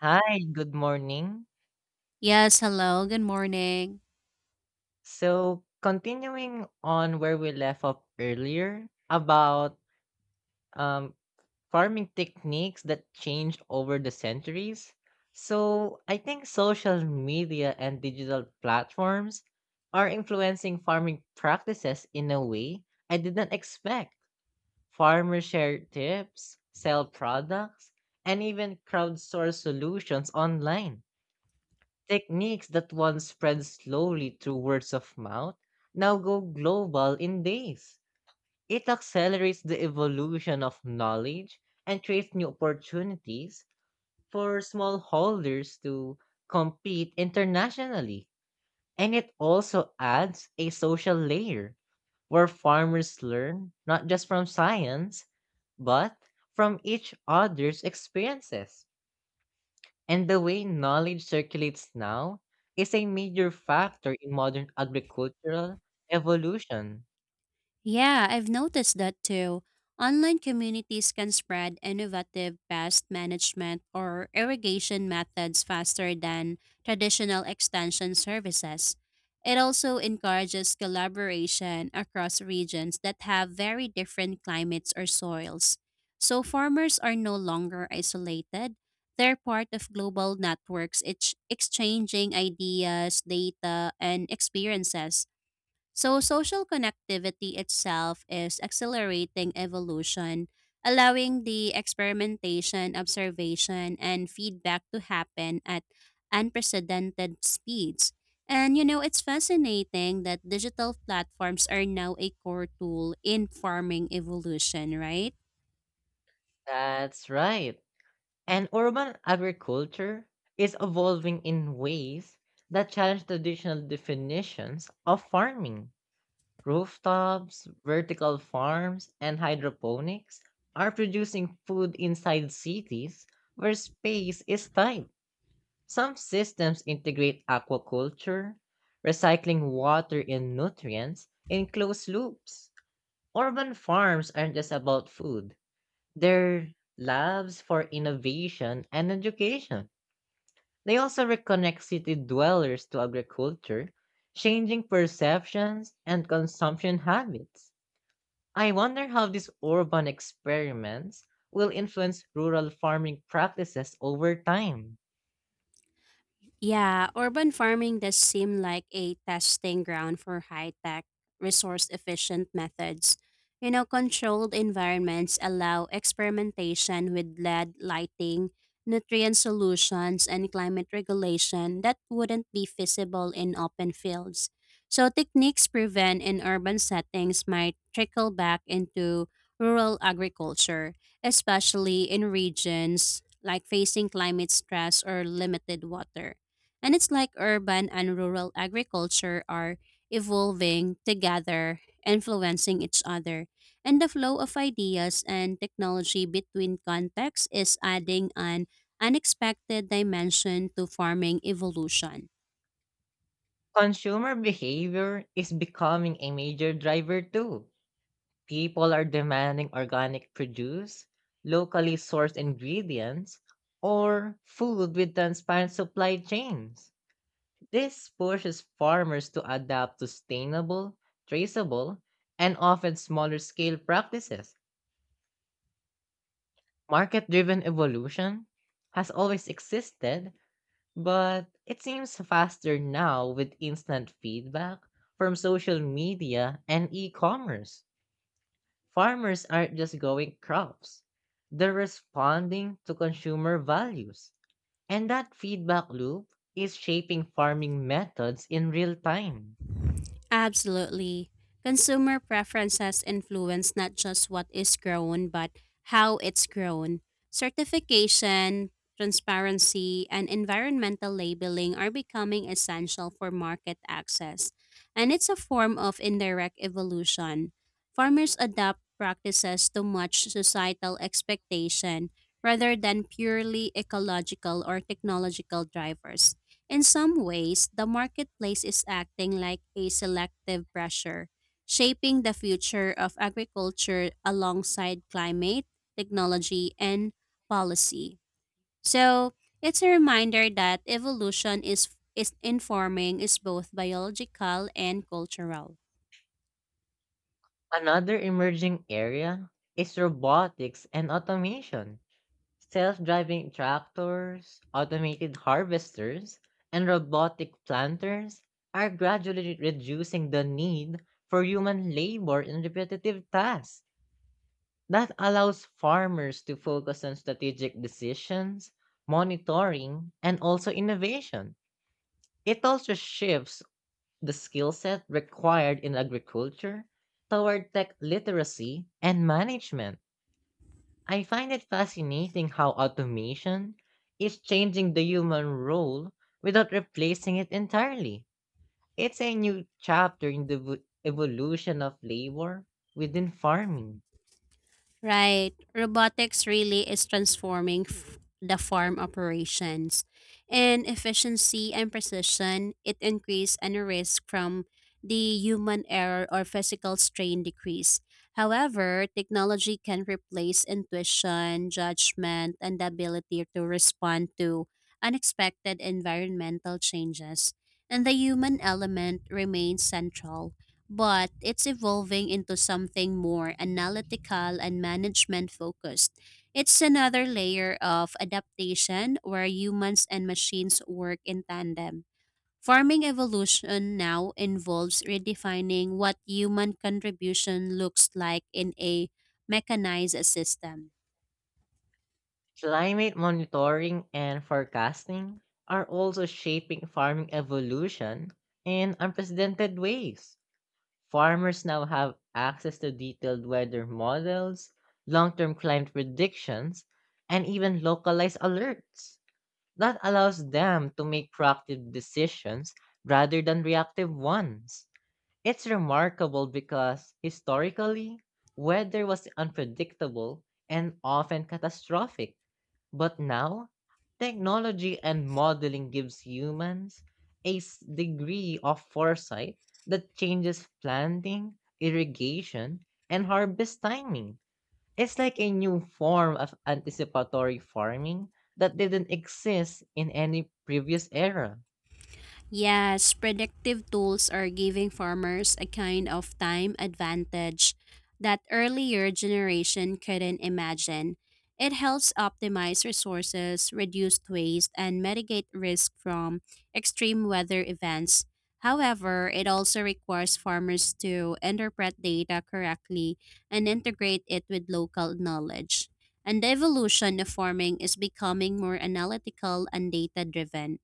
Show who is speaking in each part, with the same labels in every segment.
Speaker 1: Hi, good morning.
Speaker 2: Yes, hello, good morning.
Speaker 1: So, continuing on where we left off earlier about um, farming techniques that change over the centuries. So, I think social media and digital platforms are influencing farming practices in a way I didn't expect. Farmers share tips, sell products, and even crowdsource solutions online. Techniques that once spread slowly through words of mouth now go global in days. It accelerates the evolution of knowledge and creates new opportunities for smallholders to compete internationally. And it also adds a social layer where farmers learn not just from science, but from each other's experiences. And the way knowledge circulates now is a major factor in modern agricultural evolution.
Speaker 2: Yeah, I've noticed that too. Online communities can spread innovative pest management or irrigation methods faster than traditional extension services. It also encourages collaboration across regions that have very different climates or soils. So farmers are no longer isolated. They're part of global networks, exchanging ideas, data, and experiences. So social connectivity itself is accelerating evolution, allowing the experimentation, observation, and feedback to happen at unprecedented speeds. And you know, it's fascinating that digital platforms are now a core tool in farming evolution, right?
Speaker 1: That's right. And urban agriculture is evolving in ways that challenge traditional definitions of farming. Rooftops, vertical farms, and hydroponics are producing food inside cities where space is tight. Some systems integrate aquaculture, recycling water and nutrients, in closed loops. Urban farms aren't just about food, they're labs for innovation and education. They also reconnect city dwellers to agriculture, changing perceptions and consumption habits. I wonder how these urban experiments will influence rural farming practices over time.
Speaker 2: Yeah, urban farming does seem like a testing ground for high tech, resource efficient methods. You know, controlled environments allow experimentation with lead lighting, nutrient solutions, and climate regulation that wouldn't be feasible in open fields. So, techniques proven in urban settings might trickle back into rural agriculture, especially in regions like facing climate stress or limited water. And it's like urban and rural agriculture are evolving together, influencing each other. And the flow of ideas and technology between contexts is adding an unexpected dimension to farming evolution.
Speaker 1: Consumer behavior is becoming a major driver too. People are demanding organic produce, locally sourced ingredients, or food with transparent supply chains. This pushes farmers to adapt to sustainable, traceable, and often smaller scale practices. Market driven evolution has always existed, but it seems faster now with instant feedback from social media and e commerce. Farmers aren't just growing crops, they're responding to consumer values. And that feedback loop is shaping farming methods in real time.
Speaker 2: Absolutely. Consumer preferences influence not just what is grown, but how it's grown. Certification, transparency, and environmental labeling are becoming essential for market access, and it's a form of indirect evolution. Farmers adopt practices to match societal expectation rather than purely ecological or technological drivers. In some ways, the marketplace is acting like a selective pressure, shaping the future of agriculture alongside climate, technology, and policy. So, it's a reminder that evolution is both biological and cultural.
Speaker 1: Another emerging area is robotics and automation. Self-driving tractors, automated harvesters, and robotic planters are gradually reducing the need for human labor in repetitive tasks. That allows farmers to focus on strategic decisions, monitoring, and also innovation. It also shifts the skill set required in agriculture toward tech literacy and management. I find it fascinating how automation is changing the human role without replacing it entirely. It's a new chapter in the evolution of labor within farming.
Speaker 2: Right. Robotics really is transforming the farm operations. In efficiency and precision, it increase and risk from the human error or physical strain decrease. However, technology can replace intuition, judgment, and the ability to respond to unexpected environmental changes. And the human element remains central but it's evolving into something more analytical and management focused. It's another layer of adaptation where humans and machines work in tandem. Farming evolution now involves redefining what human contribution looks like in a mechanized system.
Speaker 1: Climate monitoring and forecasting are also shaping farming evolution in unprecedented ways. Farmers now have access to detailed weather models, long term climate predictions, and even localized alerts. That allows them to make proactive decisions rather than reactive ones. It's remarkable because historically, weather was unpredictable and often catastrophic. But now, technology and modeling gives humans a degree of foresight that changes planting, irrigation, and harvest timing. It's like a new form of anticipatory farming that didn't exist in any previous era,
Speaker 2: Yes, predictive tools are giving farmers a kind of time advantage that earlier generation couldn't imagine. It helps optimize resources, reduce waste, and mitigate risk from extreme weather events. However, it also requires farmers to interpret data correctly and integrate it with local knowledge. And the evolution of farming is becoming more analytical and data driven.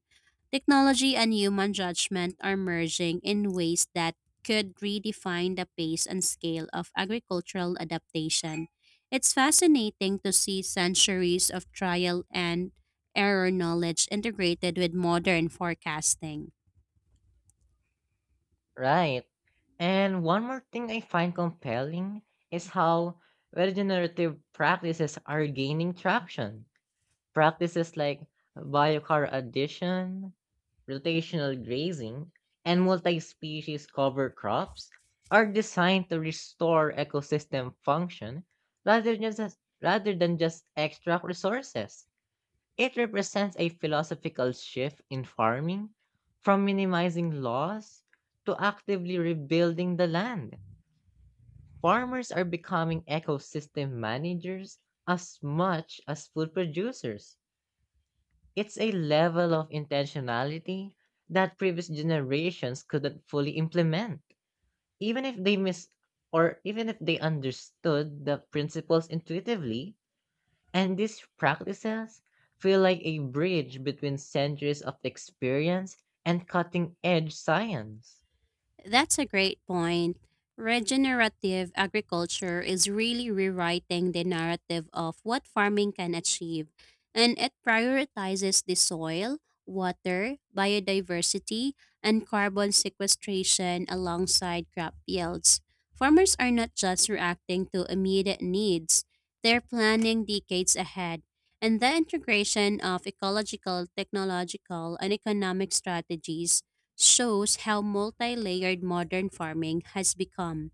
Speaker 2: Technology and human judgment are merging in ways that could redefine the pace and scale of agricultural adaptation. It's fascinating to see centuries of trial and error knowledge integrated with modern forecasting.
Speaker 1: right? And one more thing I find compelling is how regenerative practices are gaining traction. Practices like biochar addition, rotational grazing, and multi species cover crops are designed to restore ecosystem function rather than just, rather than just extract resources. It represents a philosophical shift in farming from minimizing loss to actively rebuilding the land. Farmers are becoming ecosystem managers as much as food producers. It's a level of intentionality that previous generations couldn't fully implement, even if they miss even if they understood the principles intuitively, and these practices feel like a bridge between centuries of experience and cutting edge science.
Speaker 2: That's a great point. Regenerative agriculture is really rewriting the narrative of what farming can achieve, and it prioritizes the soil, water, biodiversity, and carbon sequestration alongside crop yields. Farmers are not just reacting to immediate needs, they're planning decades ahead. And the integration of ecological, technological, and economic strategies shows how multi-layered modern farming has become.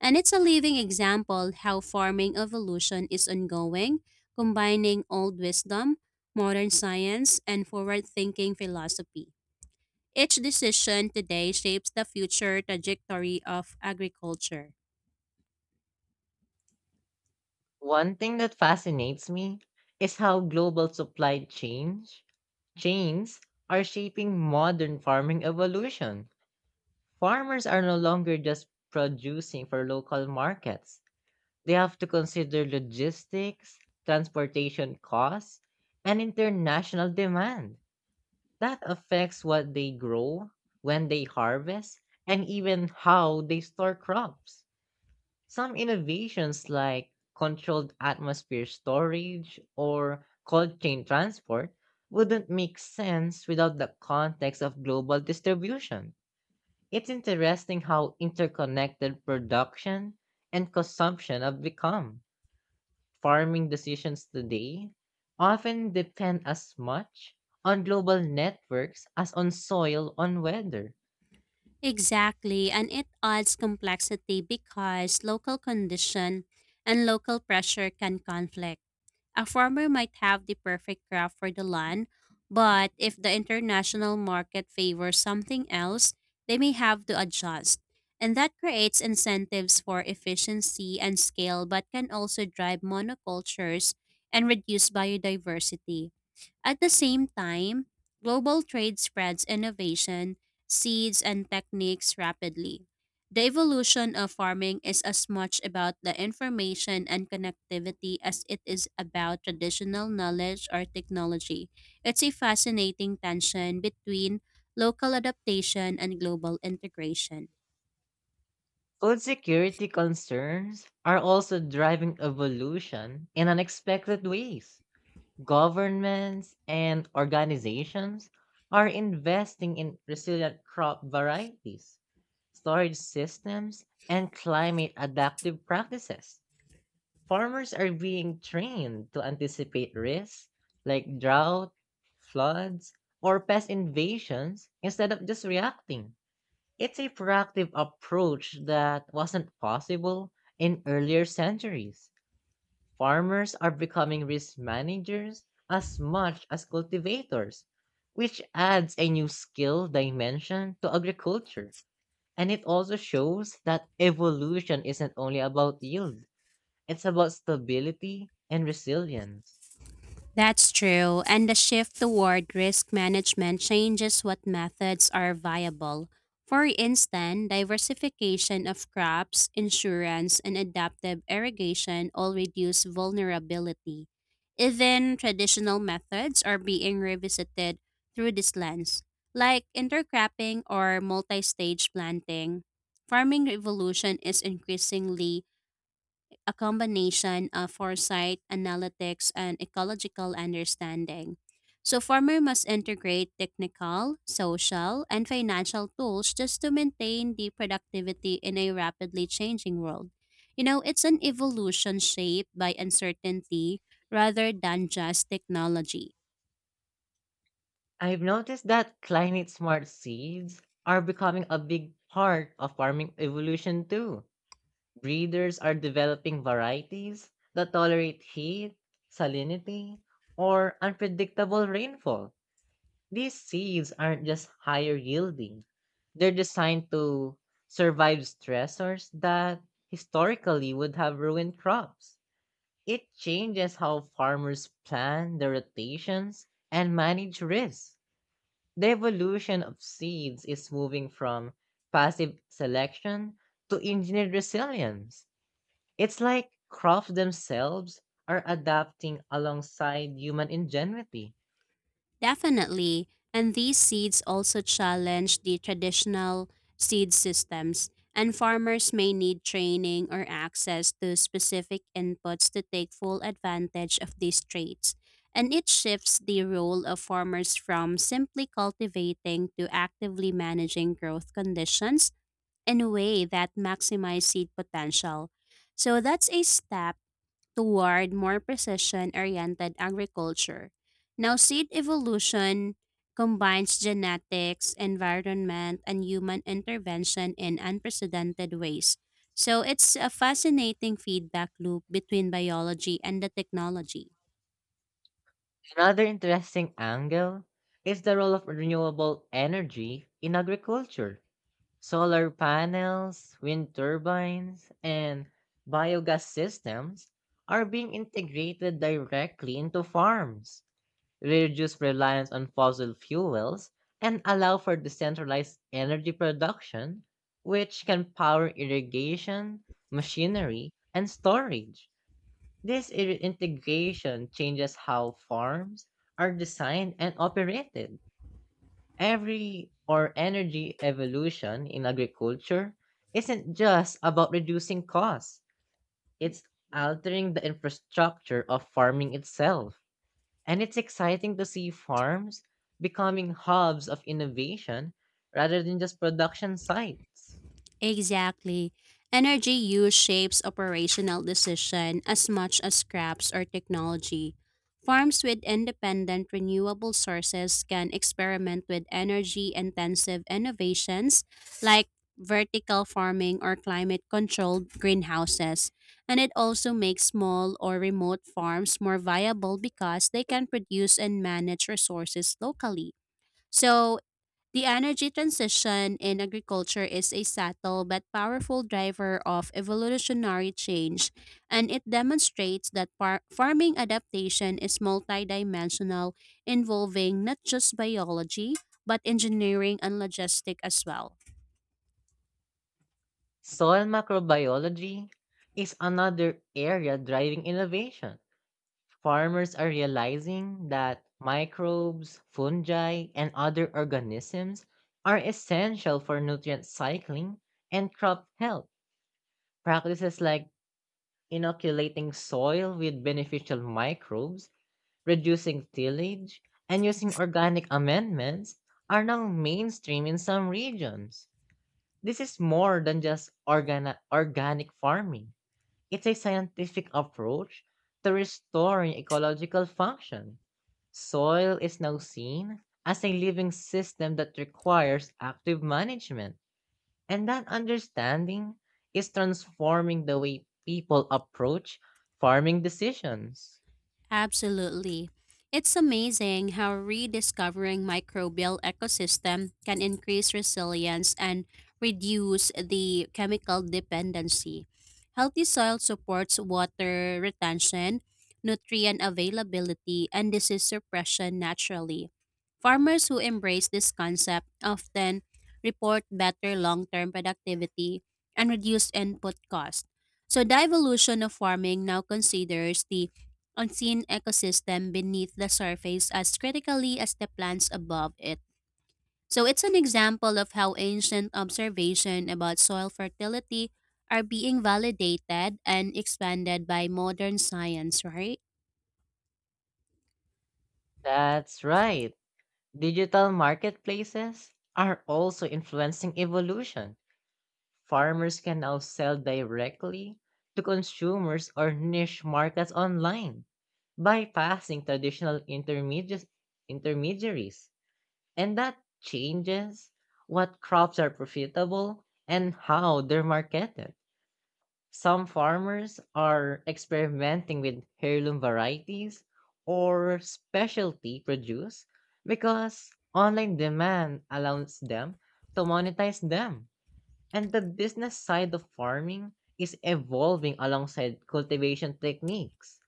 Speaker 2: And it's a living example how farming evolution is ongoing, combining old wisdom, modern science, and forward-thinking philosophy. Each decision today shapes the future trajectory of agriculture.
Speaker 1: One thing that fascinates me is how global supply change chains are shaping modern farming evolution. Farmers are no longer just producing for local markets. They have to consider logistics, transportation costs, and international demand. That affects what they grow, when they harvest, and even how they store crops. Some innovations like controlled atmosphere storage or cold chain transport wouldn't make sense without the context of global distribution. It's interesting how interconnected production and consumption have become. Farming decisions today often depend as much on global networks as on soil on weather.
Speaker 2: Exactly, and it adds complexity because local condition and local pressure can conflict. A farmer might have the perfect crop for the land, but if the international market favors something else, they may have to adjust. And that creates incentives for efficiency and scale, but can also drive monocultures and reduce biodiversity. At the same time, global trade spreads innovation, seeds, and techniques rapidly. The evolution of farming is as much about the information and connectivity as it is about traditional knowledge or technology. It's a fascinating tension between local adaptation and global integration.
Speaker 1: Food security concerns are also driving evolution in unexpected ways. Governments and organizations are investing in resilient crop varieties, storage systems, and climate adaptive practices. Farmers are being trained to anticipate risks like drought, floods, or pest invasions instead of just reacting. It's a proactive approach that wasn't possible in earlier centuries. Farmers are becoming risk managers as much as cultivators, which adds a new skill dimension to agriculture. And it also shows that evolution isn't only about yield, it's about stability and resilience.
Speaker 2: That's true, and the shift toward risk management changes what methods are viable. For instance, diversification of crops, insurance, and adaptive irrigation all reduce vulnerability. Even traditional methods are being revisited through this lens, like intercropping or multi stage planting. Farming revolution is increasingly a combination of foresight, analytics, and ecological understanding. So, farmer must integrate technical, social, and financial tools just to maintain the productivity in a rapidly changing world. You know, it's an evolution shaped by uncertainty rather than just technology.
Speaker 1: I've noticed that climate smart seeds are becoming a big part of farming evolution too. Breeders are developing varieties that tolerate heat, salinity, or unpredictable rainfall. These seeds aren't just higher yielding, they're designed to survive stressors that historically would have ruined crops. It changes how farmers plan their rotations and manage risks. The evolution of seeds is moving from passive selection to engineered resilience. It's like crops themselves are adapting alongside human ingenuity.
Speaker 2: Definitely. And these seeds also challenge the traditional seed systems, and farmers may need training or access to specific inputs to take full advantage of these traits. And it shifts the role of farmers from simply cultivating to actively managing growth conditions in a way that maximizes seed potential. So that's a step toward more precision-oriented agriculture. Now, seed evolution combines genetics, environment, and human intervention in unprecedented ways. So, it's a fascinating feedback loop between biology and the technology.
Speaker 1: Another interesting angle is the role of renewable energy in agriculture. Solar panels, wind turbines, and biogas systems are being integrated directly into farms, reduce reliance on fossil fuels, and allow for decentralized energy production, which can power irrigation, machinery, and storage. This integration changes how farms are designed and operated. Every or Energy evolution in agriculture isn't just about reducing costs. It's altering the infrastructure of farming itself. And it's exciting to see farms becoming hubs of innovation rather than just production sites.
Speaker 2: Exactly. Energy use shapes operational decision as much as scraps or technology. Farms with independent renewable sources can experiment with energy intensive innovations like vertical farming or climate controlled greenhouses. And it also makes small or remote farms more viable because they can produce and manage resources locally. So, the energy transition in agriculture is a subtle but powerful driver of evolutionary change, and it demonstrates that farming adaptation is multidimensional, involving not just biology, but engineering and logistics as well.
Speaker 1: Soil microbiology is another area driving innovation. Farmers are realizing that microbes, fungi, and other organisms are essential for nutrient cycling and crop health. Practices like inoculating soil with beneficial microbes, reducing tillage, and using organic amendments are now mainstream in some regions. This is more than just organic farming. It's a scientific approach to restoring ecological function. Soil is now seen as a living system that requires active management, and that understanding is transforming the way people approach farming decisions.
Speaker 2: Absolutely. It's amazing how rediscovering microbial ecosystem can increase resilience and reduce the chemical dependency. Healthy soil supports water retention, nutrient availability, and disease suppression naturally. Farmers who embrace this concept often report better long-term productivity and reduced input cost. So the evolution of farming now considers the unseen ecosystem beneath the surface as critically as the plants above it. So it's an example of how ancient observation about soil fertility are being validated and expanded by modern science, right?
Speaker 1: That's right. Digital marketplaces are also influencing evolution. Farmers can now sell directly to consumers or niche markets online, bypassing traditional intermediaries. And that changes what crops are profitable and how they're marketed. Some farmers are experimenting with heirloom varieties or specialty produce because online demand allows them to monetize them. And the business side of farming is evolving alongside cultivation techniques.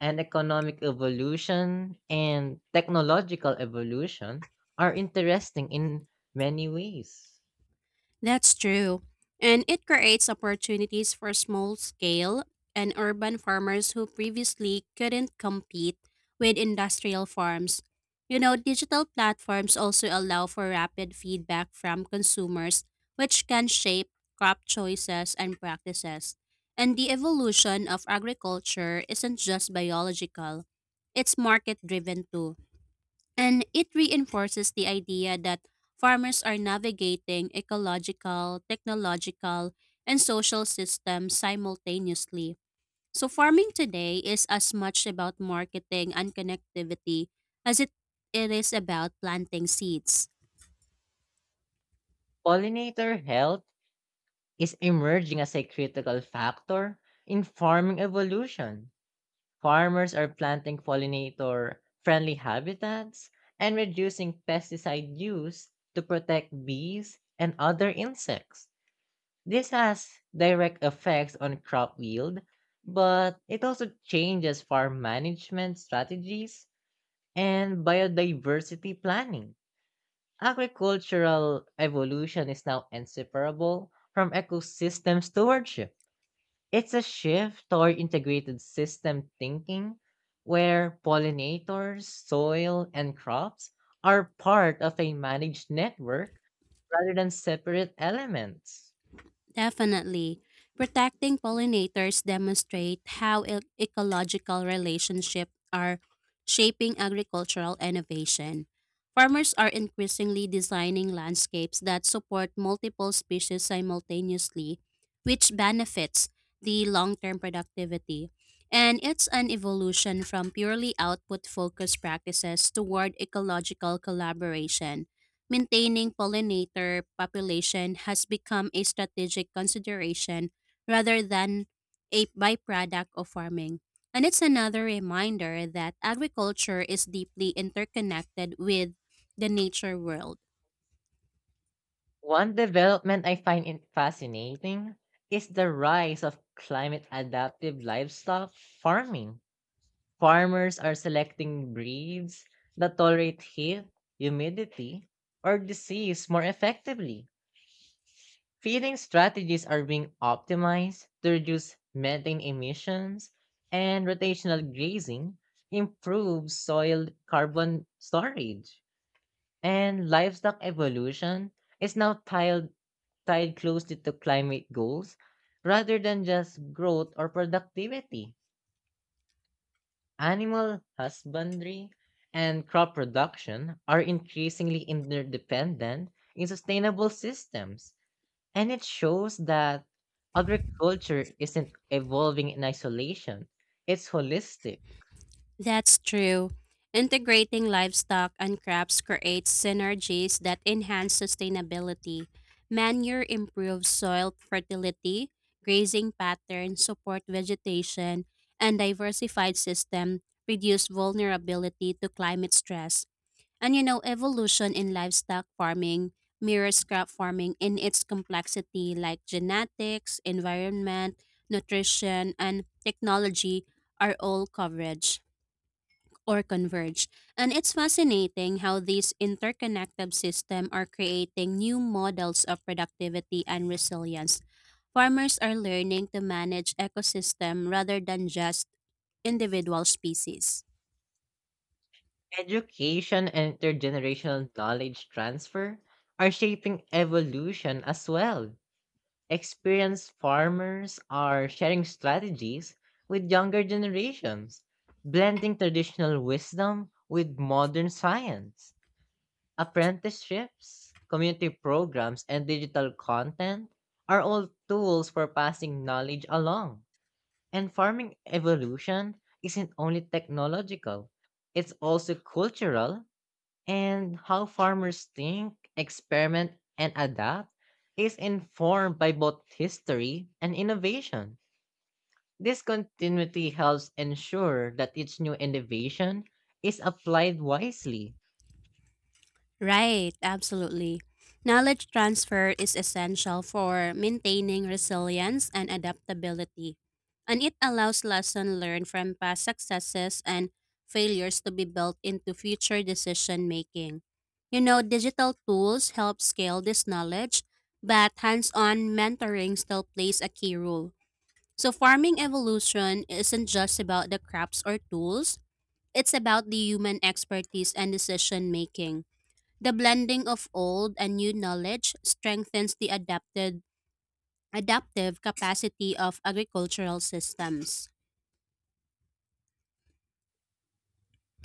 Speaker 1: And economic evolution and technological evolution are interesting in many ways.
Speaker 2: That's true. And it creates opportunities for small scale and urban farmers who previously couldn't compete with industrial farms. You know, digital platforms also allow for rapid feedback from consumers, which can shape crop choices and practices. And the evolution of agriculture isn't just biological, it's market driven too. And it reinforces the idea that farmers are navigating ecological, technological, and social systems simultaneously. So, farming today is as much about marketing and connectivity as it is about planting seeds.
Speaker 1: Pollinator health is emerging as a critical factor in farming evolution. Farmers are planting pollinator friendly habitats and reducing pesticide use to protect bees and other insects. This has direct effects on crop yield, but it also changes farm management strategies and biodiversity planning. Agricultural evolution is now inseparable from ecosystem stewardship. It's a shift toward integrated system thinking where pollinators, soil, and crops are part of a managed network rather than separate elements.
Speaker 2: Definitely. Protecting pollinators demonstrate how ecological relationships are shaping agricultural innovation. Farmers are increasingly designing landscapes that support multiple species simultaneously, which benefits the long-term productivity. And it's an evolution from purely output-focused practices toward ecological collaboration. Maintaining pollinator population has become a strategic consideration rather than a byproduct of farming. And it's another reminder that agriculture is deeply interconnected with the nature world.
Speaker 1: One development I find in fascinating is the rise of climate adaptive livestock farming. Farmers are selecting breeds that tolerate heat, humidity, or disease more effectively. Feeding strategies are being optimized to reduce methane emissions, and rotational grazing improves soil carbon storage. And livestock evolution is now tied closely to climate goals rather than just growth or productivity. Animal husbandry and crop production are increasingly interdependent in sustainable systems, and it shows that agriculture isn't evolving in isolation, it's holistic.
Speaker 2: That's true. Integrating livestock and crops creates synergies that enhance sustainability. Manure improves soil fertility, grazing patterns support vegetation, and diversified system reduce vulnerability to climate stress. And you know, evolution in livestock farming mirrors crop farming in its complexity, like genetics, environment, nutrition, and technology are all coverage or converge. And it's fascinating how these interconnected systems are creating new models of productivity and resilience. Farmers are learning to manage ecosystem rather than just individual species.
Speaker 1: Education and intergenerational knowledge transfer are shaping evolution as well. Experienced farmers are sharing strategies with younger generations, blending traditional wisdom with modern science. Apprenticeships, community programs, and digital content are all tools for passing knowledge along. And farming evolution isn't only technological, it's also cultural, and how farmers think, experiment, and adapt is informed by both history and innovation. This continuity helps ensure that each new innovation is applied wisely.
Speaker 2: Right, absolutely. Knowledge transfer is essential for maintaining resilience and adaptability, and it allows lessons learned from past successes and failures to be built into future decision making. You know, digital tools help scale this knowledge, but hands on mentoring still plays a key role. So, farming evolution isn't just about the crops or tools, it's about the human expertise and decision making. The blending of old and new knowledge strengthens the adapted adaptive capacity of agricultural systems.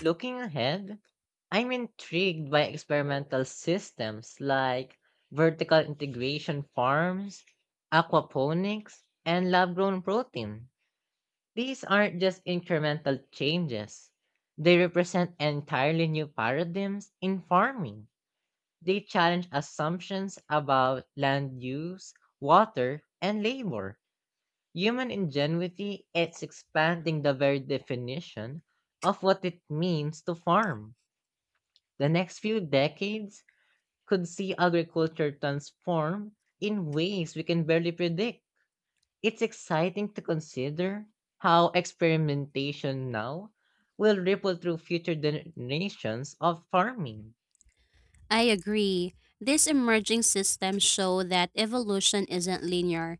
Speaker 1: Looking ahead, I'm intrigued by experimental systems like vertical integration farms, aquaponics, and lab grown protein. These aren't just incremental changes. They represent entirely new paradigms in farming. They challenge assumptions about land use, water, and labor. Human ingenuity is expanding the very definition of what it means to farm. The next few decades could see agriculture transform in ways we can barely predict. It's exciting to consider how experimentation now will ripple through future generations of farming.
Speaker 2: I agree. These emerging systems show that evolution isn't linear,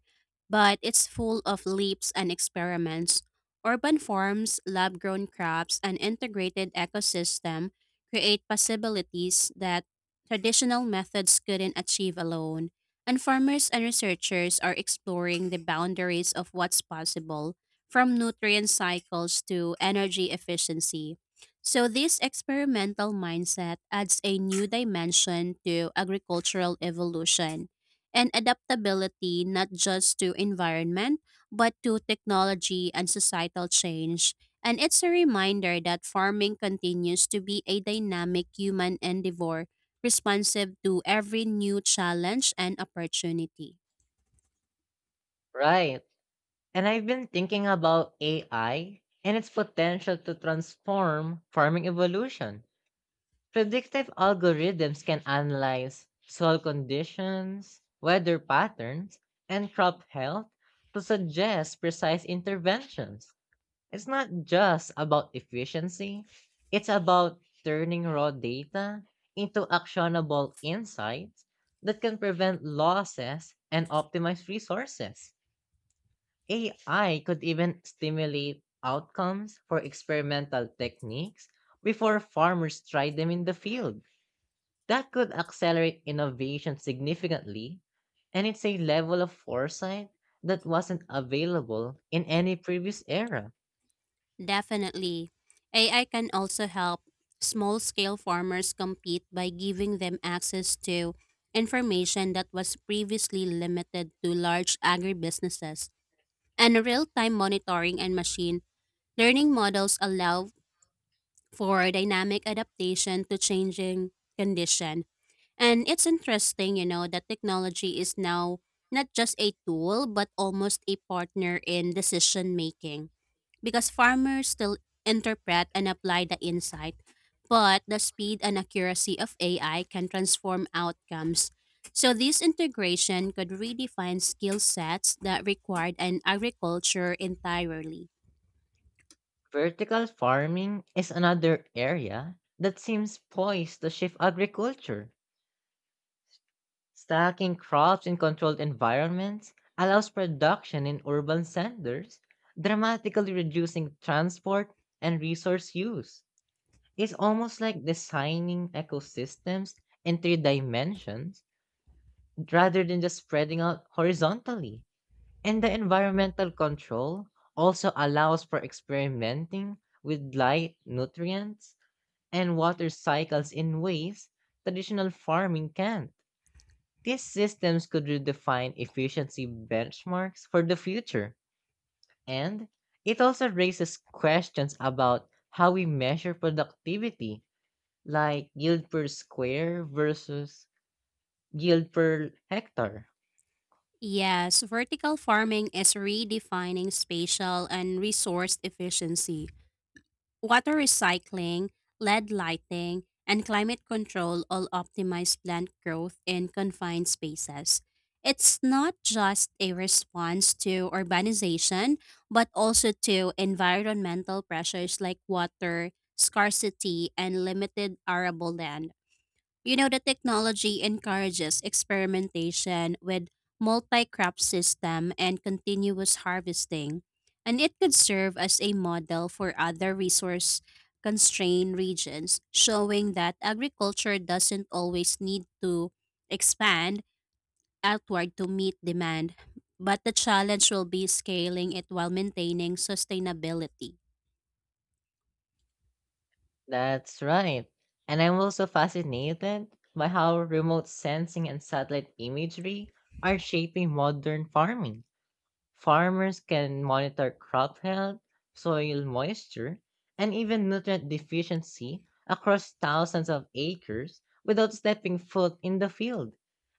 Speaker 2: but it's full of leaps and experiments. Urban farms, lab grown crops, and integrated ecosystem create possibilities that traditional methods couldn't achieve alone. And farmers and researchers are exploring the boundaries of what's possible, from nutrient cycles to energy efficiency. So, this experimental mindset adds a new dimension to agricultural evolution and adaptability not just to environment, but to technology and societal change. And it's a reminder that farming continues to be a dynamic human endeavor, responsive to every new challenge and opportunity.
Speaker 1: Right. And I've been thinking about AI and its potential to transform farming evolution. Predictive algorithms can analyze soil conditions, weather patterns, and crop health to suggest precise interventions. It's not just about efficiency, it's about turning raw data into actionable insights that can prevent losses and optimize resources. AI could even stimulate outcomes for experimental techniques before farmers try them in the field. That could accelerate innovation significantly, and it's a level of foresight that wasn't available in any previous era.
Speaker 2: Definitely. AI can also help small scale farmers compete by giving them access to information that was previously limited to large agribusinesses. And real time monitoring and machine learning models allow for dynamic adaptation to changing condition, and it's interesting, you know, that technology is now not just a tool, but almost a partner in decision making because farmers still interpret and apply the insight, but the speed and accuracy of AI can transform outcomes. So, this integration could redefine skill sets that required an agriculture entirely.
Speaker 1: Vertical farming is another area that seems poised to shift agriculture. Stacking crops in controlled environments allows production in urban centers, dramatically reducing transport and resource use. It's almost like designing ecosystems in three dimensions rather than just spreading out horizontally. And the environmental control also allows for experimenting with light, nutrients, and water cycles in ways traditional farming can't. These systems could redefine efficiency benchmarks for the future, and it also raises questions about how we measure productivity, like yield per square versus yield per hectare.
Speaker 2: Yes, vertical farming is redefining spatial and resource efficiency. Water recycling, LED lighting, and climate control all optimize plant growth in confined spaces. It's not just a response to urbanization, but also to environmental pressures like water, scarcity, and limited arable land. You know, the technology encourages experimentation with multi-crop system and continuous harvesting, and it could serve as a model for other resource constrained regions, showing that agriculture doesn't always need to expand outward to meet demand, but the challenge will be scaling it while maintaining sustainability.
Speaker 1: That's right. And I'm also fascinated by how remote sensing and satellite imagery are shaping modern farming. Farmers can monitor crop health, soil moisture, and even nutrient deficiency across thousands of acres without stepping foot in the field.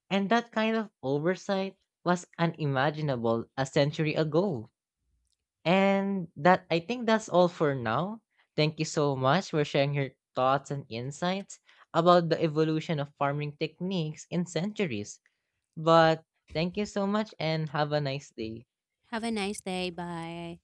Speaker 1: And that kind of oversight was unimaginable a century ago. And that I think that's all for now. Thank you so much for sharing your thoughts and insights about the evolution of farming techniques in centuries. But Thank you so much and have a nice day.
Speaker 2: Have a nice day. Bye.